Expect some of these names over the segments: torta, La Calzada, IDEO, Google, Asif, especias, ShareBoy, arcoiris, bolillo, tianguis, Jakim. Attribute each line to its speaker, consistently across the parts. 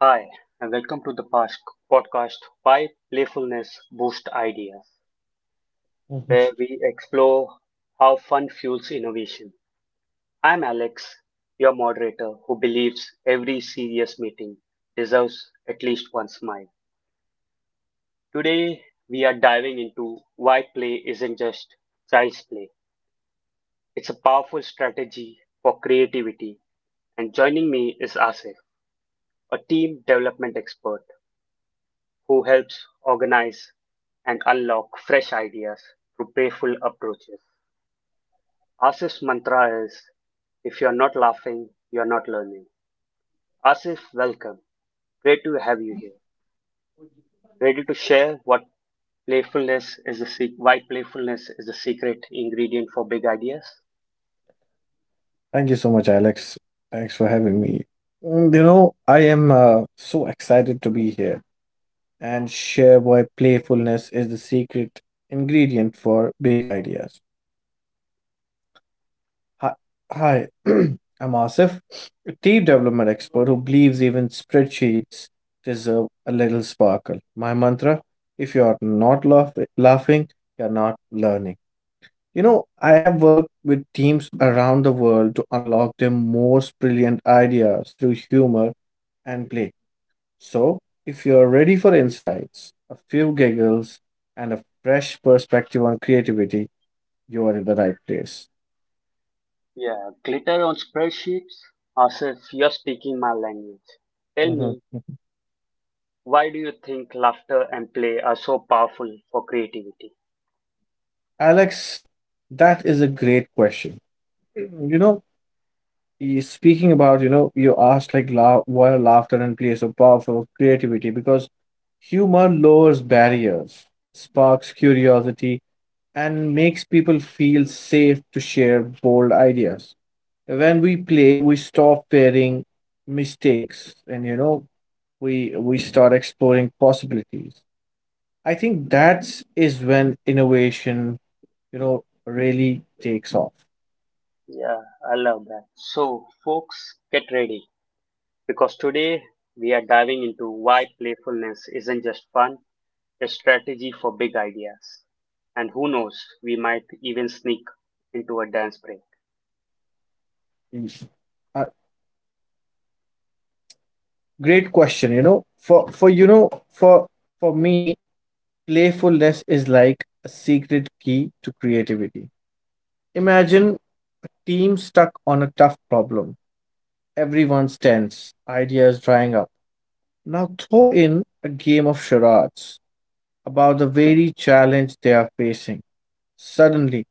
Speaker 1: Hi, and welcome to the past podcast Why Playfulness Boost Ideas,
Speaker 2: Mhm.
Speaker 1: where we explore how fun fuels innovation. I'm Alex, your moderator who believes every serious meeting deserves at least one smile. Today, we are diving into why play isn't just child's play. It's a powerful strategy for creativity, and joining me is Asif, a team development expert who helps organize and unlock fresh ideas through playful approaches. Asif's mantra is if you're not laughing, you're not learning. Asif, welcome. Great to have you here. Ready to share what playfulness is the sec- why playfulness is the secret ingredient for big ideas?
Speaker 2: Thank you so much, Alex. Thanks for having me. I am so excited to be here, and ShareBoy playfulness is the secret ingredient for big ideas. Hi, hi. I'm Asif, a team development expert who believes even spreadsheets deserve a little sparkle. My mantra: If you are not laughing, you're not learning. I have worked with teams around the world to unlock their most brilliant ideas through humor and play. So, if you're ready for insights, a few giggles, and a fresh perspective on creativity, you are in the right place.
Speaker 1: Yeah, glitter on spreadsheets. Asif, you're speaking my language. Tell
Speaker 2: Mhm.
Speaker 1: me, why do you think laughter and play are so powerful for creativity?
Speaker 2: Alex, that is a great question. You know, speaking about, you asked why laughter and play is so powerful for creativity because humor lowers barriers. It sparks curiosity and makes people feel safe to share bold ideas. When we play, we stop fearing mistakes, and we start exploring possibilities. I think that's is when innovation, really takes off.
Speaker 1: Yeah, I love that. So, folks, get ready because today we are diving into why playfulness isn't just fun, a strategy for big ideas. And who knows, we might even sneak into a dance break.
Speaker 2: Mm. Uh, Great question, for you know, for me, playfulness is like a secret key to creativity. Imagine team stuck on a tough problem. Everyone's tense, ideas drying up. Now throw in a game of charades about the very challenge they are facing. Suddenly,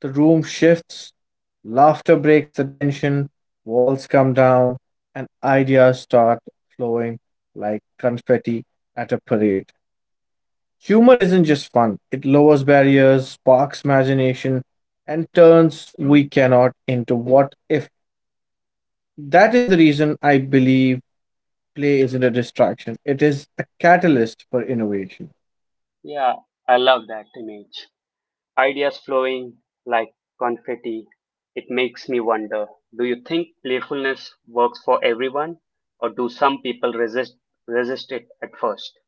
Speaker 2: the room shifts, laughter breaks the tension, walls come down, and ideas start flowing like confetti at a parade. Humor isn't just fun, it lowers barriers, sparks imagination, and turns we cannot into what if. That is the reason I believe play isn't a distraction, it is a catalyst for innovation.
Speaker 1: Yeah, I love that image. Ideas flowing like confetti. It makes me wonder, do you think playfulness works for everyone, or do some people resist it at first?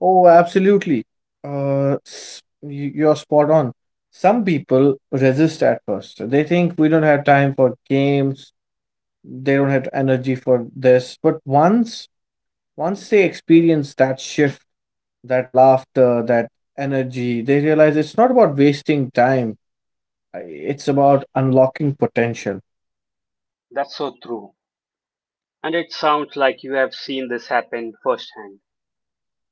Speaker 2: Oh, absolutely. You're spot on. Some people resist at first. They think we don't have time for games, they don't have energy for this. But once they experience that shift, that laughter, that energy, they realize it's not about wasting time. It's about unlocking potential.
Speaker 1: That's so true. And it sounds like you have seen this happen firsthand.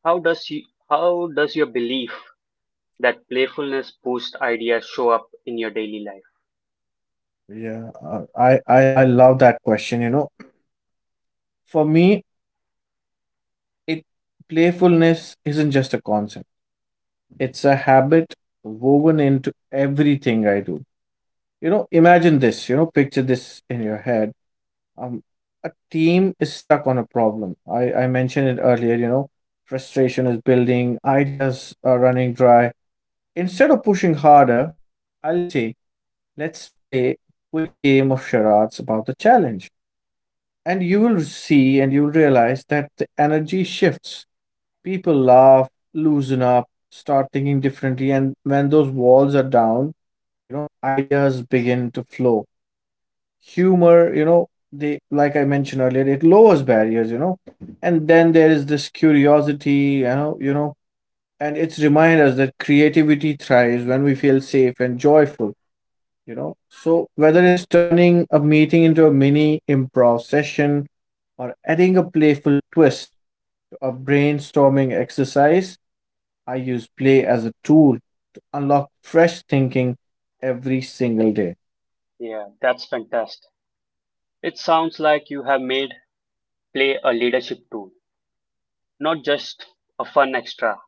Speaker 1: How does you, how does your belief that playfulness boosts ideas show up in your daily life?
Speaker 2: Yeah, I love that question, For me, It playfulness isn't just a concept. It's a habit woven into everything I do. Imagine this, picture this in your head. Um, a team is stuck on a problem. I mentioned it earlier, frustration is building, ideas are running dry. Instead of pushing harder, I'll say, let's play a quick game of charades about the challenge. And you will see and you'll realize that the energy shifts. People laugh, loosen up, start thinking differently, and when those walls are down, ideas begin to flow. Humor, you know, they like I mentioned earlier, it lowers barriers, And then there is this curiosity, and it's remind us that creativity thrives when we feel safe and joyful. So whether it's turning a meeting into a mini improv session or adding a playful twist to a brainstorming exercise, I use play as a tool to unlock fresh thinking every single day.
Speaker 1: Yeah, that's fantastic. It sounds like you have made play a leadership tool, not just a fun extra.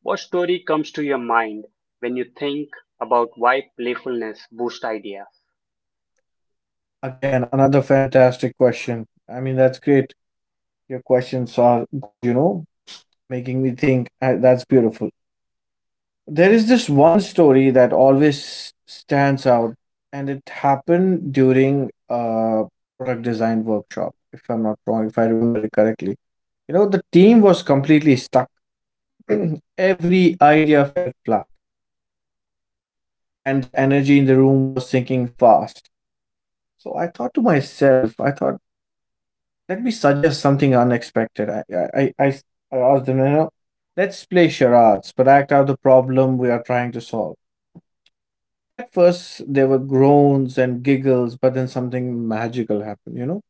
Speaker 1: What story comes to your mind when you think about why playfulness boosts ideas?
Speaker 2: Again, another fantastic question. I mean, that's great. Your questions are good, making me think. That's beautiful. There is this one story that always stands out, and it happened during a product design workshop, if I'm not wrong, if I remember it correctly. The team was completely stuck. Every idea fell flat and the energy in the room was sinking fast. So I thought to myself, I thought, let me suggest something unexpected. I asked them, let's play charades, but act out the problem we are trying to solve. At first, there were groans and giggles, but then something magical happened,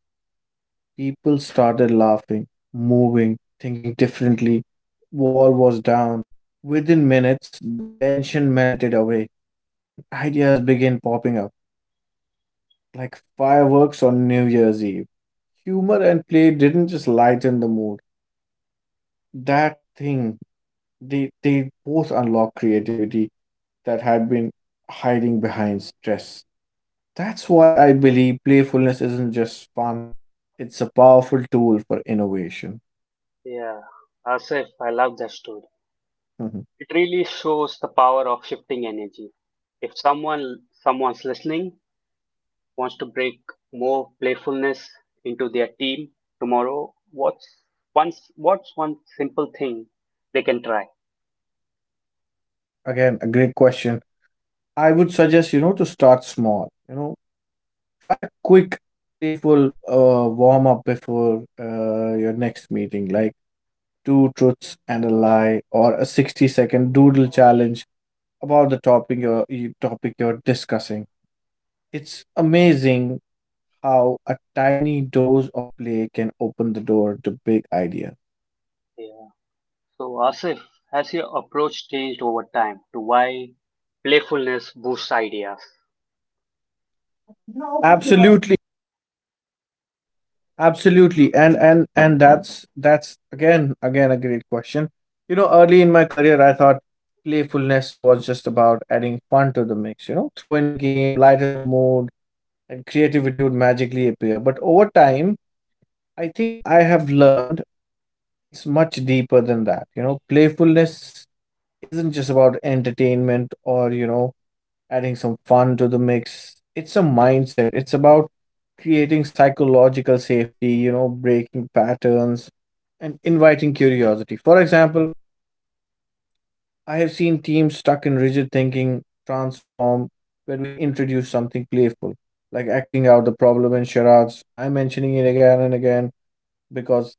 Speaker 2: People started laughing, moving, thinking differently. Wall was down. Within minutes, the tension melted away and ideas began popping up like fireworks on New Year's Eve. Humor and play didn't just lighten the mood. That thing, they both unlock creativity that had been hiding behind stress. That's why I believe playfulness isn't just fun, it's a powerful tool for innovation.
Speaker 1: Yeah, Asif, I love that story.
Speaker 2: Mhm.
Speaker 1: It really shows the power of shifting energy. If someone's listening, wants to break more playfulness into their team tomorrow, what's one simple thing they can try?
Speaker 2: Again, a great question. I would suggest, to start small. Try a quick, playful warm up before your next meeting. Like, two truths and a lie, or a 60-second doodle challenge about the topic you're discussing. It's amazing how a tiny dose of play can open the door to big idea.
Speaker 1: Yeah. So Asif, has your approach changed over time to why playfulness boosts ideas?
Speaker 2: Absolutely, absolutely. And that's again a great question. Early in my career I thought playfulness was just about adding fun to the mix, throw in a game, lighten the mood, and creativity would magically appear. But over time, I think I have learned it's much deeper than that. Playfulness isn't just about entertainment or, adding some fun to the mix. It's a mindset. It's about creating psychological safety, breaking patterns and inviting curiosity. For example, I have seen teams stuck in rigid thinking transform when we introduce something playful, like acting out the problem in charades. I'm mentioning it again and again because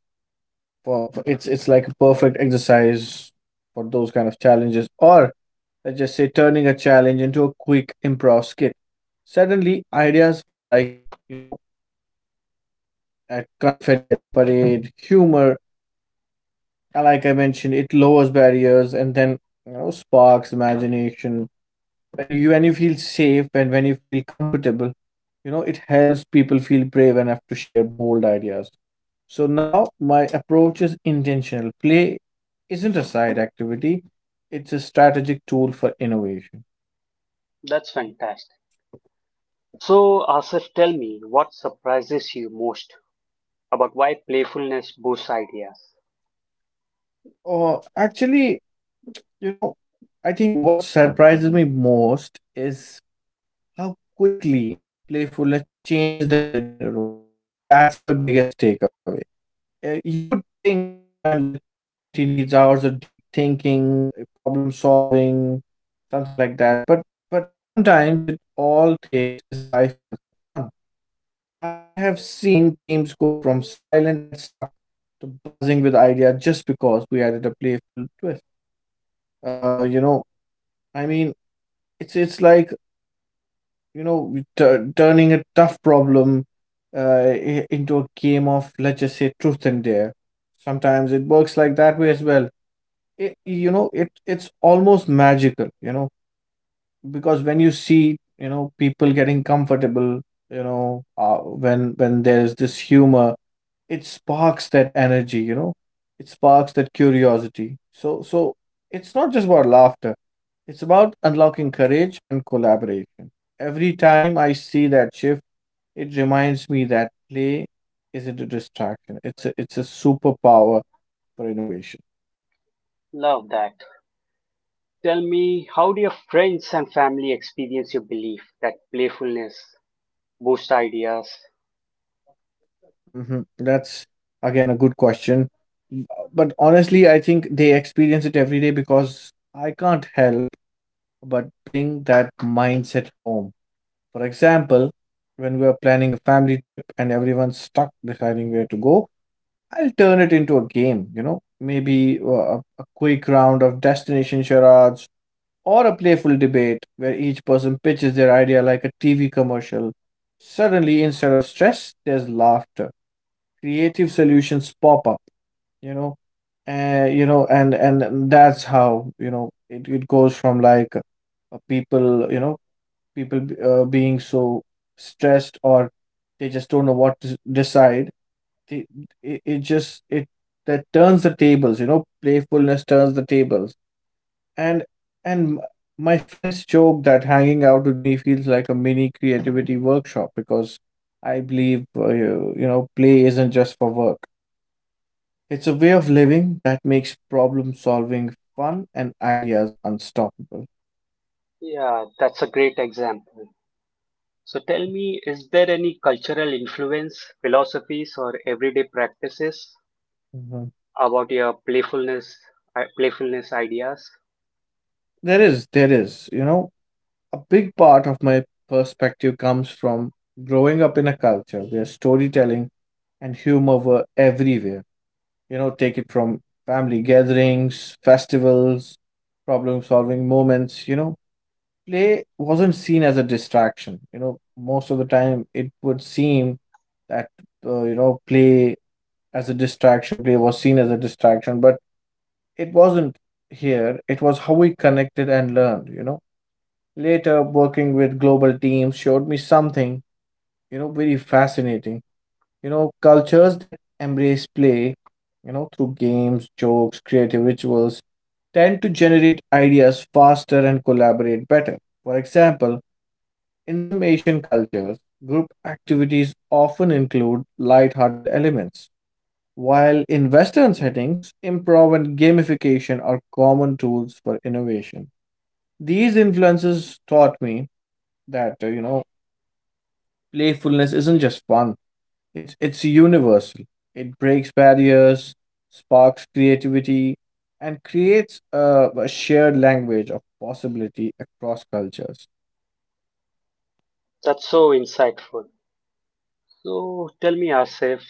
Speaker 2: for it's like a perfect exercise for those kind of challenges, or let's just say turning a challenge into a quick improv skit. Suddenly ideas flow like, you know at confetti at a parade. Humor, like I mentioned, it lowers barriers, and then, sparks imagination. When you feel safe and when you feel comfortable, it helps people feel brave enough to share bold ideas. So now my approach is intentional. Play isn't a side activity, it's a strategic tool for innovation.
Speaker 1: That's fantastic. So Asif, tell me what surprises you most about why playfulness boosts ideas.
Speaker 2: Or actually, you know, I think what surprises me most is how quickly playfulness changes the energy in a room. I think that's my biggest takeaway. You would think sometimes that creativity needs hours of deep thinking, problem solving, something like that, but sometimes it all takes is 5 minutes of fun. I have seen teams go from silent and stuck to buzzing with idea just because we added a playful twist. Uh, you know, I mean, it's like, you know we turning a tough problem into a game of, let's just say, truth and dare. Sometimes it works like that way as well. It, it's almost magical. Because when you see, people getting comfortable, when there's this humor, it sparks that energy, it sparks that curiosity. It's not just about laughter, it's about unlocking courage and collaboration. Every time I see that shift, it reminds me that play isn't a distraction, it's a superpower for innovation.
Speaker 1: Love that. Tell me, how do your friends and family experience your belief that playfulness boosts ideas?
Speaker 2: Hmm, that's again a good question. Mm, but honestly I think they experience it every day because I can't help but bring that mindset home. For example, when we are planning a family trip and everyone's stuck deciding where to go, I'll turn it into a game, maybe a quick round of destination charades, or a playful debate where each person pitches their idea like a TV commercial. Suddenly, instead of stress, there's laughter. Creative solutions pop up, you know, and, that's how, it, it goes from like, people, being so stressed, or they just don't know what to decide. They, it just it that turns the tables. Playfulness turns the tables. and and m- my friends joke that hanging out with me feels like a mini creativity workshop, because I believe, play isn't just for work, it's a way of living that makes problem solving fun and ideas unstoppable.
Speaker 1: Yeah, that's a great example. So tell me, is there any cultural influence, philosophies, or everyday practices
Speaker 2: Mhm.
Speaker 1: about your playfulness ideas?
Speaker 2: There is, you know, A big part of my perspective comes from growing up in a culture where storytelling and humor were everywhere. Take it from family gatherings, festivals, problem solving moments, Play wasn't seen as a distraction. Most of the time it would seem that, uh, you know, play play was seen as a distraction, but it wasn't here. It was how we connected and learned, later working with global teams showed me something, very fascinating. Cultures that embrace play, through games, jokes, creative rituals, tend to generate ideas faster and collaborate better. For example, in some Asian cultures, group activities often include light-hearted elements, while in Western settings improv and gamification are common tools for innovation. These influences taught me that, playfulness isn't just fun, it's universal. It breaks barriers, sparks creativity, and creates a shared language of possibility across cultures.
Speaker 1: That's so insightful. So tell me, Asif,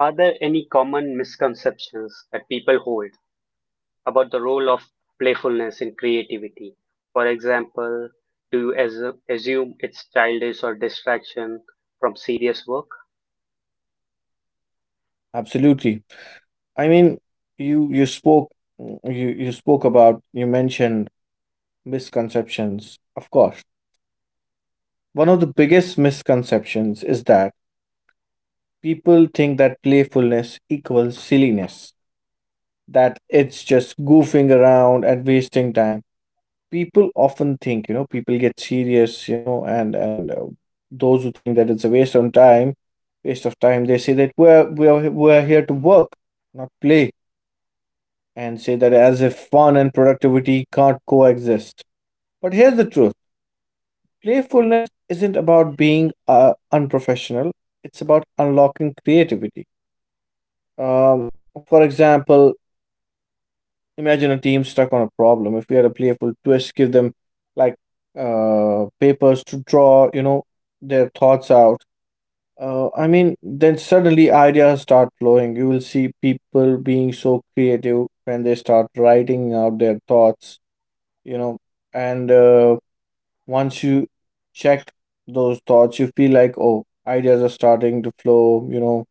Speaker 1: are there any common misconceptions that people hold about the role of playfulness in creativity? For example, do you assume it's childish or distraction from serious work?
Speaker 2: Absolutely. I mean, you you spoke you spoke about, you mentioned misconceptions. Of course, one of the biggest misconceptions is that people think that playfulness equals silliness, that it's just goofing around and wasting time. People often think, you know, people get serious, you know, and those who think that it's a waste of time, they say that we're here to work, not play, and say that as if fun and productivity can't coexist. But here's the truth: playfulness isn't about being unprofessional, it's about unlocking creativity. um, for example, imagine a team stuck on a problem. If we had a playful twist, give them, like, papers to draw, you know, their thoughts out. I mean, then suddenly ideas start flowing. You will see people being so creative when they start writing out their thoughts, you know, and once you check those thoughts, you feel like, oh, ideas are starting to flow, you know,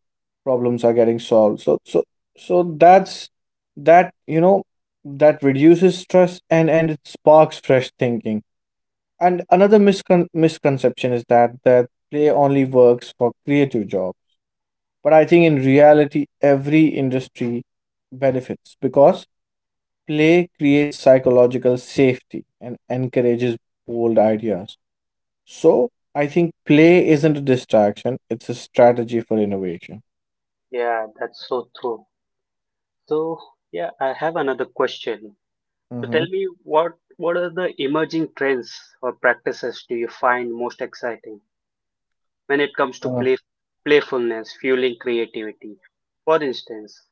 Speaker 2: problems are getting solved. So that's that, you know, that reduces stress and it sparks fresh thinking. And another misconception is that play only works for creative jobs. But I think in reality, every industry benefits because play creates psychological safety and encourages bold ideas. So I think play isn't a distraction, it's a strategy for innovation.
Speaker 1: Yeah, that's so true. So yeah, I have another question. So
Speaker 2: Mm-hmm.
Speaker 1: tell me what are the emerging trends or practices do you find most exciting when it comes to
Speaker 2: Uh,
Speaker 1: playfulness, fueling creativity? For instance,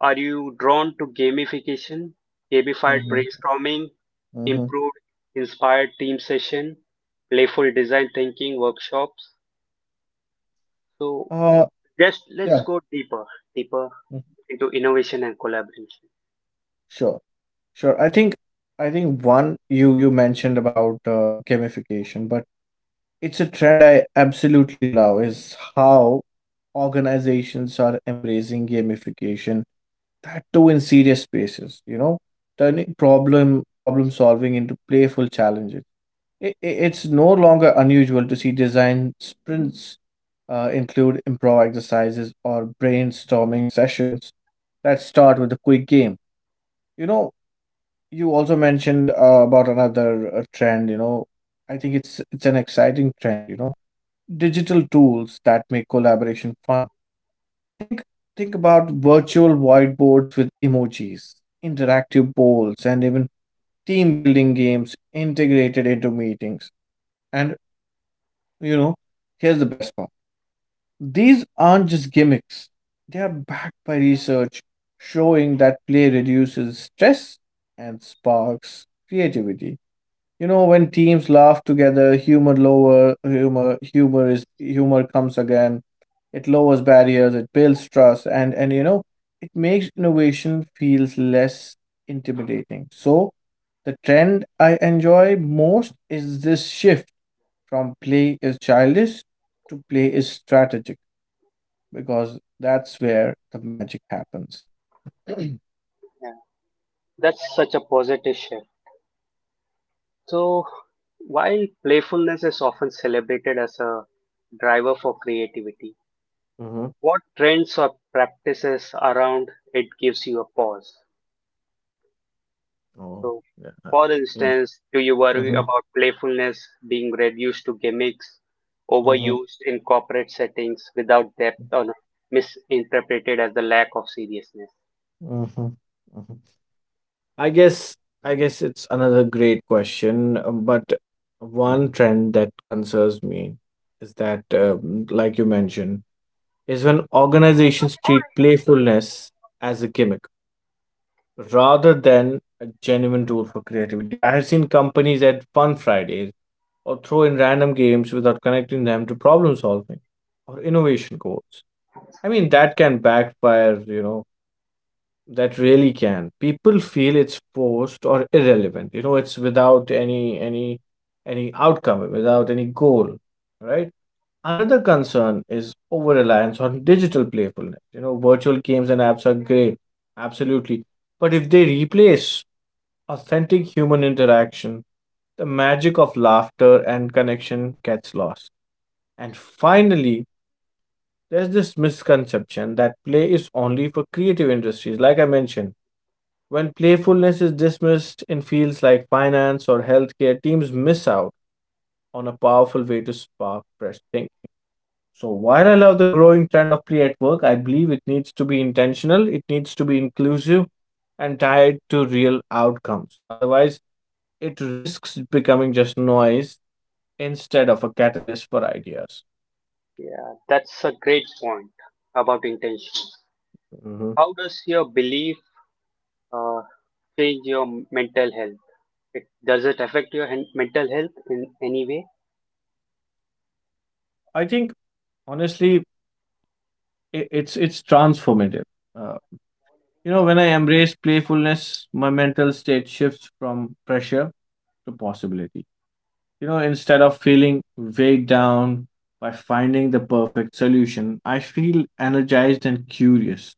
Speaker 1: are you drawn to gamification, gamified
Speaker 2: mm-hmm.
Speaker 1: brainstorming,
Speaker 2: Mm-hmm.
Speaker 1: improved inspired team session, playful design thinking workshops? So
Speaker 2: Uh,
Speaker 1: just let's
Speaker 2: yeah,
Speaker 1: go deeper, deeper
Speaker 2: mm,
Speaker 1: into innovation and collaboration.
Speaker 2: sure, sure. I think one you mentioned about gamification, but it's a trend I absolutely love is how organizations are embracing gamification. That too in serious spaces, you know, turning problem solving into playful challenges. It's no longer unusual to see design sprints include improv exercises or brainstorming sessions that start with a quick game. You know, you also mentioned about another trend. You know, I think it's an exciting trend. You know, digital tools that make collaboration fun. Think think about virtual whiteboards with emojis, interactive polls, and even team building games integrated into meetings. And, you know, here's the best part: these aren't just gimmicks, they are backed by research showing that play reduces stress and sparks creativity. You know, when teams laugh together, humor lower humor humor is humor comes again. It lowers barriers, it builds trust, and you know, it makes innovation feels less intimidating. So the trend I enjoy most is this shift from play is childish to play is strategic because that's where the magic happens.
Speaker 1: Yeah, that's such a positive shift. So, while playfulness is often celebrated as a driver for creativity,
Speaker 2: Mm-hmm.
Speaker 1: what trends or practices around it gives you a pause?
Speaker 2: Oh,
Speaker 1: So,
Speaker 2: yeah.
Speaker 1: for
Speaker 2: Yeah.
Speaker 1: instance, do you worry
Speaker 2: Mm-hmm.
Speaker 1: about playfulness being reduced to gimmicks,
Speaker 2: Mm-hmm.
Speaker 1: overused in corporate settings without depth, or misinterpreted as the lack of seriousness?
Speaker 2: Mm-hmm. Mm-hmm. I guess I guess it's another great question, but one trend that concerns me is that, like you mentioned, is when organizations treat playfulness as a gimmick rather than a genuine tool for creativity. I have seen companies at Fun Fridays or throw in random games without connecting them to problem solving or innovation goals. I mean, that can backfire, you know, that really can. People feel it's forced or irrelevant, you know, it's without any outcome, without any goal, right? Another concern is over reliance on digital playfulness. You know, virtual games and apps are great, absolutely. But if they replace authentic human interaction, the magic of laughter and connection gets lost. And finally, there's this misconception that play is only for creative industries, like I mentioned. When playfulness is dismissed in fields like finance or healthcare, teams miss out on a powerful way to spark fresh thinking. So, while I love the growing trend of play at work, I believe it needs to be intentional, it needs to be inclusive, and tied to real outcomes. Otherwise, it risks becoming just noise instead of a catalyst for ideas.
Speaker 1: Yeah, that's a great point about intention.
Speaker 2: hmm
Speaker 1: How does your belief uh, change your mental health? It Does it affect your mental health in any way?
Speaker 2: I think, honestly, it's transformative. Uh, you know, when I embrace playfulness, my mental state shifts from pressure to possibility. You know, instead of feeling weighed down by finding the perfect solution, I feel energized and curious.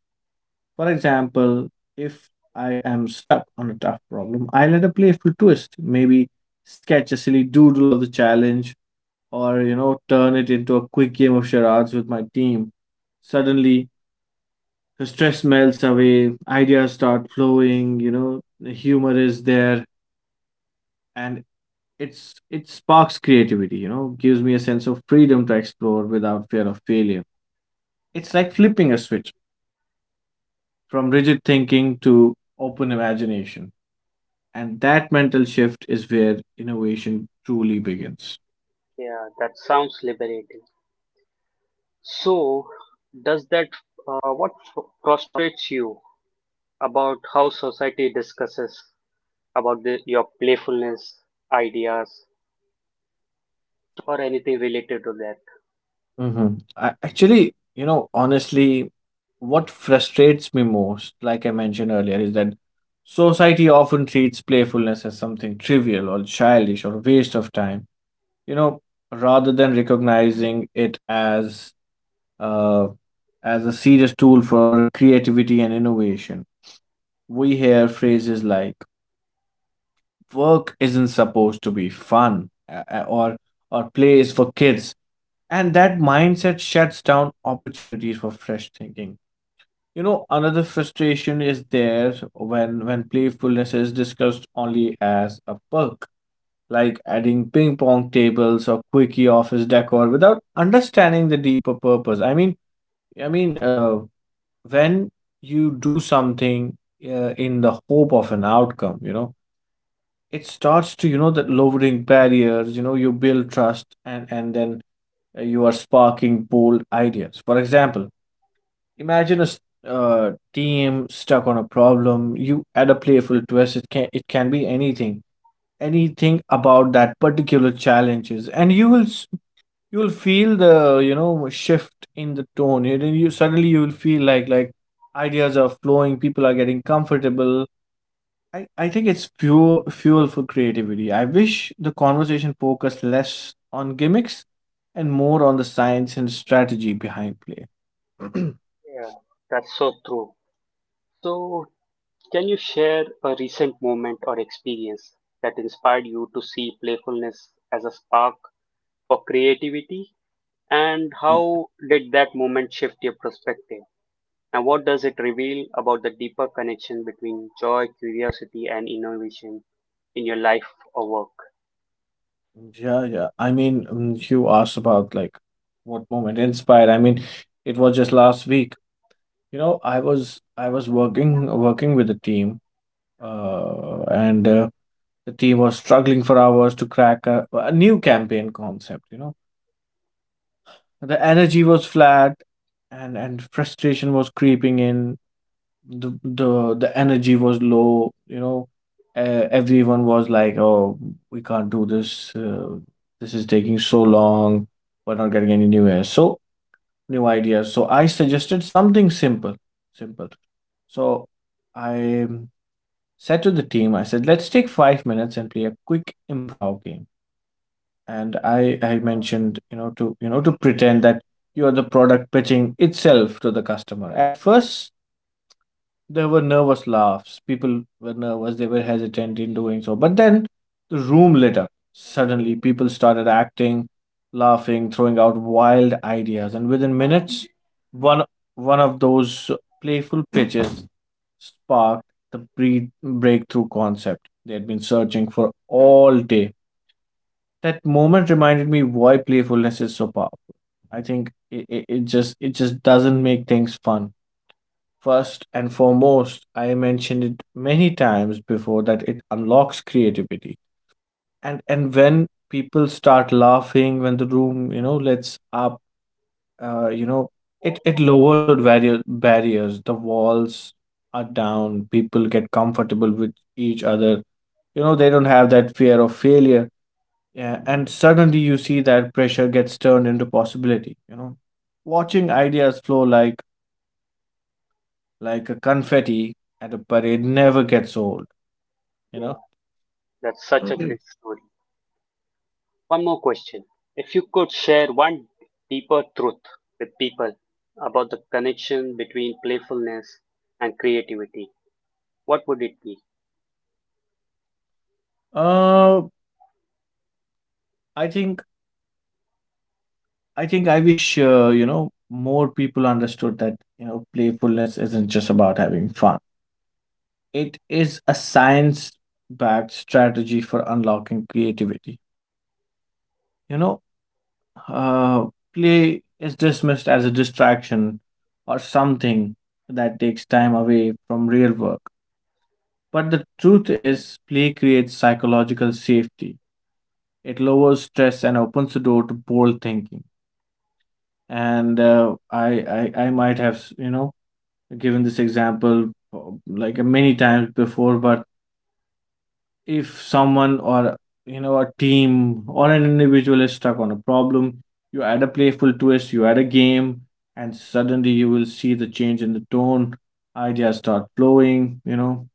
Speaker 2: For example, if I am stuck on a tough problem, I let a playful twist. Maybe sketch a silly doodle of the challenge or, you know, turn it into a quick game of charades with my team. Suddenly, the stress melts away, ideas start flowing, you know, the humor is there, and it sparks creativity, you know, gives me a sense of freedom to explore without fear of failure. It's like flipping a switch from rigid thinking to open imagination. And that mental shift is where innovation truly begins.
Speaker 1: Yeah, that sounds liberating. So, does that what frustrates you about how society discusses about the, your playfulness, ideas, or anything related to that?
Speaker 2: Mm-hmm. Actually, you know, honestly, what frustrates me most, like I mentioned earlier, is that society often treats playfulness as something trivial or childish or a waste of time. You know, rather than recognizing it uh, as a serious tool for creativity and innovation, we hear phrases like: work isn't supposed to be fun, or play is for kids. And that mindset shuts down opportunities for fresh thinking. You know, another frustration is there when playfulness is discussed only as a perk, like adding ping pong tables or quickie office decor, without understanding the deeper purpose. I mean, when you do something, in the hope of an outcome, you know, it starts to, you know, that lowering barriers, you know, you build trust, and then, you are sparking bold ideas. For example, imagine a team stuck on a problem, you add a playful twist. It can be anything about that particular challenges. And you will feel the, you know, shift in the tone. And then you, suddenly, you will feel like, ideas are flowing, people are getting comfortable. I think it's fuel for creativity. I wish the conversation focused less on gimmicks and more on the science and strategy behind play.
Speaker 1: Yeah, that's so true. So, can you share a recent moment or experience that inspired you to see playfulness as a spark for creativity? And
Speaker 2: Yeah,
Speaker 1: how did that moment shift your perspective? Now, what does it reveal about the deeper connection between joy, curiosity, and innovation in your life or work?
Speaker 2: yeah, yeah. I mean, you asked about, like, what moment inspired. I mean, it was just last week. You know, I was working with a team, and the team was struggling for hours to crack a new campaign concept. You know. The energy was flat, and frustration was creeping in. The energy was low, you know. Everyone was like, "Oh, we can't do this. This is taking so long. We're not getting any new ideas." So I suggested something simple. So I said to the team, I said, "Let's take 5 minutes and play a quick improv game." And I mentioned, you know, to pretend that you are the product pitching itself to the customer. At first there were nervous laughs, people were nervous, they were hesitant in doing so. But then the room lit up. Suddenly, people started acting, laughing, throwing out wild ideas. And within minutes, one one of those playful pitches sparked the breed breakthrough concept they had been searching for all day. That moment reminded me why playfulness is so powerful. I think it just doesn't make things fun. First and foremost, I mentioned it many times before that it unlocks creativity. And when people start laughing, when the room, you know, lets up, you know, it lowers the barriers. The walls are down. People get comfortable with each other. You know, they don't have that fear of failure. Yeah, and suddenly you see that pressure gets turned into possibility, you know. Watching ideas flow like a confetti at a parade never gets old, you know.
Speaker 1: Yeah, that's such a
Speaker 2: Mhm.
Speaker 1: great story. One more question. If you could share one deeper truth with people about the connection between playfulness and creativity, what would it be?
Speaker 2: uh I think I think I wish, you know, more people understood that, you know, playfulness isn't just about having fun. It is a science-backed strategy for unlocking creativity. You know, Uh, play is dismissed as a distraction or something that takes time away from real work. But the truth is, play creates psychological safety. It lowers stress and opens the door to bold thinking. And, I might have, you know, given this example, like many times before. But if someone, or, you know, a team or an individual, is stuck on a problem, you add a playful twist, you add a game. And suddenly you will see the change in the tone. Ideas start flowing, you know.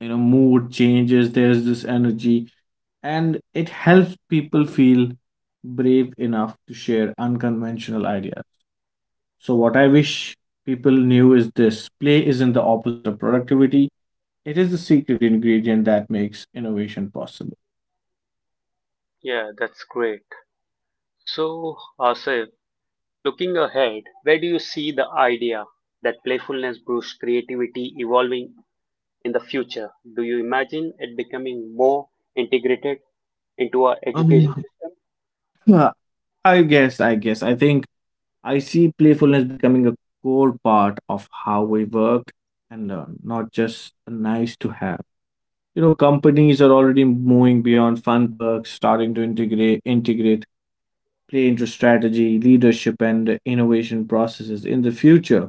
Speaker 2: Mood changes. There's this energy, and it helps people feel brave enough to share unconventional ideas. So what I wish people knew is this: play isn't the opposite of productivity, it is the secret ingredient that makes innovation possible.
Speaker 1: Yeah, that's great. So, Asif, looking ahead, where do you see the idea that playfulness boosts creativity evolving in the future? Do you imagine it becoming more integrated into our education
Speaker 2: Um,
Speaker 1: system?
Speaker 2: Huh, I guess, I guess. I think I see playfulness becoming a core part of how we work and learn, not just a nice to have. You know, companies are already moving beyond fun perks, starting to integrate play into strategy, leadership, and innovation processes. In the future,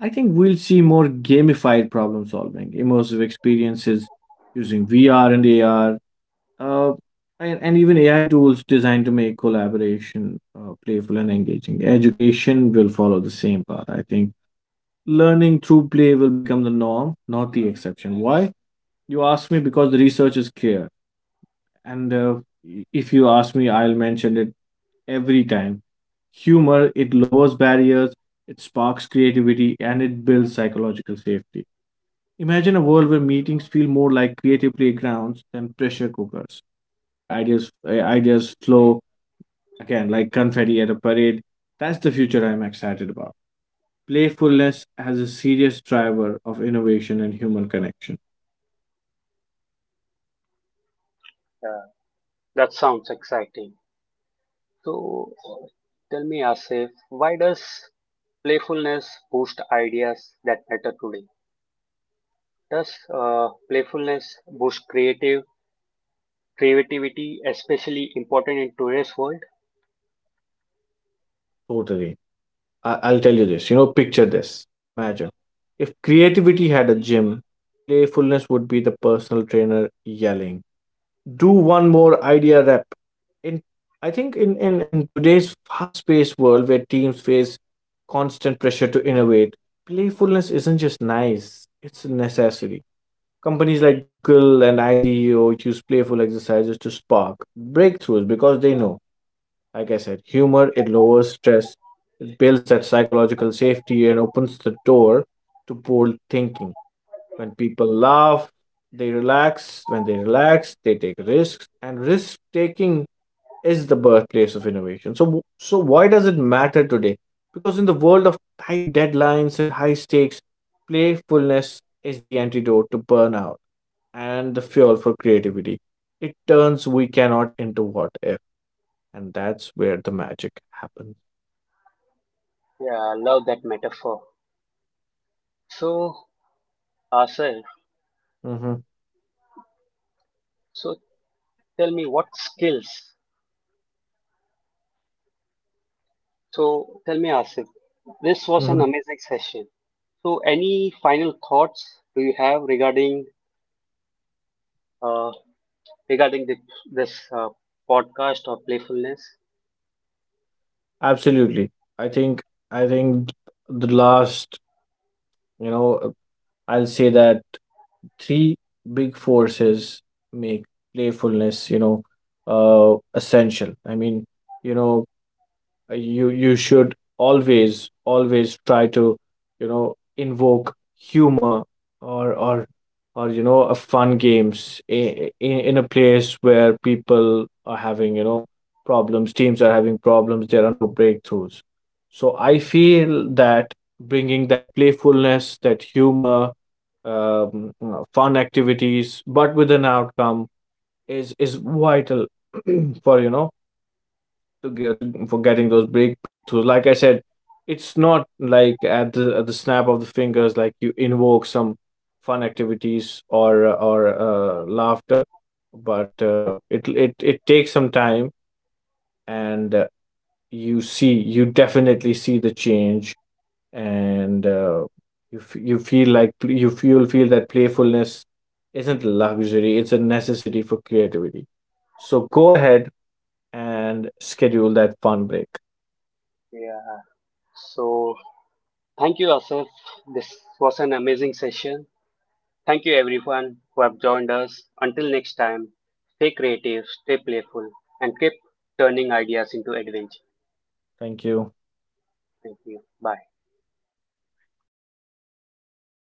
Speaker 2: I think we'll see more gamified problem solving, immersive experiences using VR and AR, uh, and even AI tools designed to make collaboration playful and engaging. Education will follow the same path. I think learning through play will become the norm, not the exception. Why? You ask me because the research is clear. And, if you ask me, I'll mention it every time. Humor, it lowers barriers, it sparks creativity, and it builds psychological safety. Imagine a world where meetings feel more like creative playgrounds than pressure cookers, where ideas flow again like confetti at a parade. That's the future I'm excited about. Playfulness as a serious driver of innovation and human connection.
Speaker 1: Uh, that sounds exciting. So, tell me, Asif, why does playfulness boost ideas that matter today? Does playfulness boost creative creativity, especially important in today's world?
Speaker 2: Totally. I'll tell you this. You know, picture this. Imagine if creativity had a gym, playfulness would be the personal trainer yelling, "Do one more idea rep." In I think in today's fast paced world where teams face constant pressure to innovate, playfulness isn't just nice, it's a necessity. Companies like Google and IDEO use playful exercises to spark breakthroughs because they know, like I said, humor it lowers stress, it builds that psychological safety and opens the door to bold thinking. When people laugh, they relax. When they relax, they take risks. And risk taking is the birthplace of innovation. So why does it matter today? Because in the world of tight deadlines and high stakes, playfulness is the antidote to burnout and the fuel for creativity. It turns we cannot into what if, and that's where the magic happens.
Speaker 1: Yeah, I love that metaphor. So, Asif,
Speaker 2: hmm
Speaker 1: so tell me what skills. So, tell me, Asif, this was an
Speaker 2: hmm
Speaker 1: amazing session. So, any final thoughts do you have regarding uh, regarding this podcast or playfulness?
Speaker 2: Absolutely. I think I think the last, you know, I'll say that three big forces make playfulness, you know, essential. I mean, you know, you should always try to, you know, invoke humor or or or you know, a fun games in, a place where people are having, you know, problems, teams are having problems, there are no breakthroughs. So I feel that bringing that playfulness, that humor, you know, fun activities but with an outcome is vital. for, you know, for getting those breakthroughs. Like I said, it's not like at the snap of the fingers, like you invoke some fun activities or laughter. But, it takes some time. And, you definitely see the change. And, you f- you feel like pl- you f- you'll feel that playfulness isn't a luxury; it's a necessity for creativity. So go ahead and schedule that fun break.
Speaker 1: Yeah. So, thank you, Asif. This was an amazing session. Thank you, everyone who have joined us. Until next time, stay creative, stay playful, and keep turning ideas into adventure.
Speaker 2: Thank you.
Speaker 1: Thank you. Bye.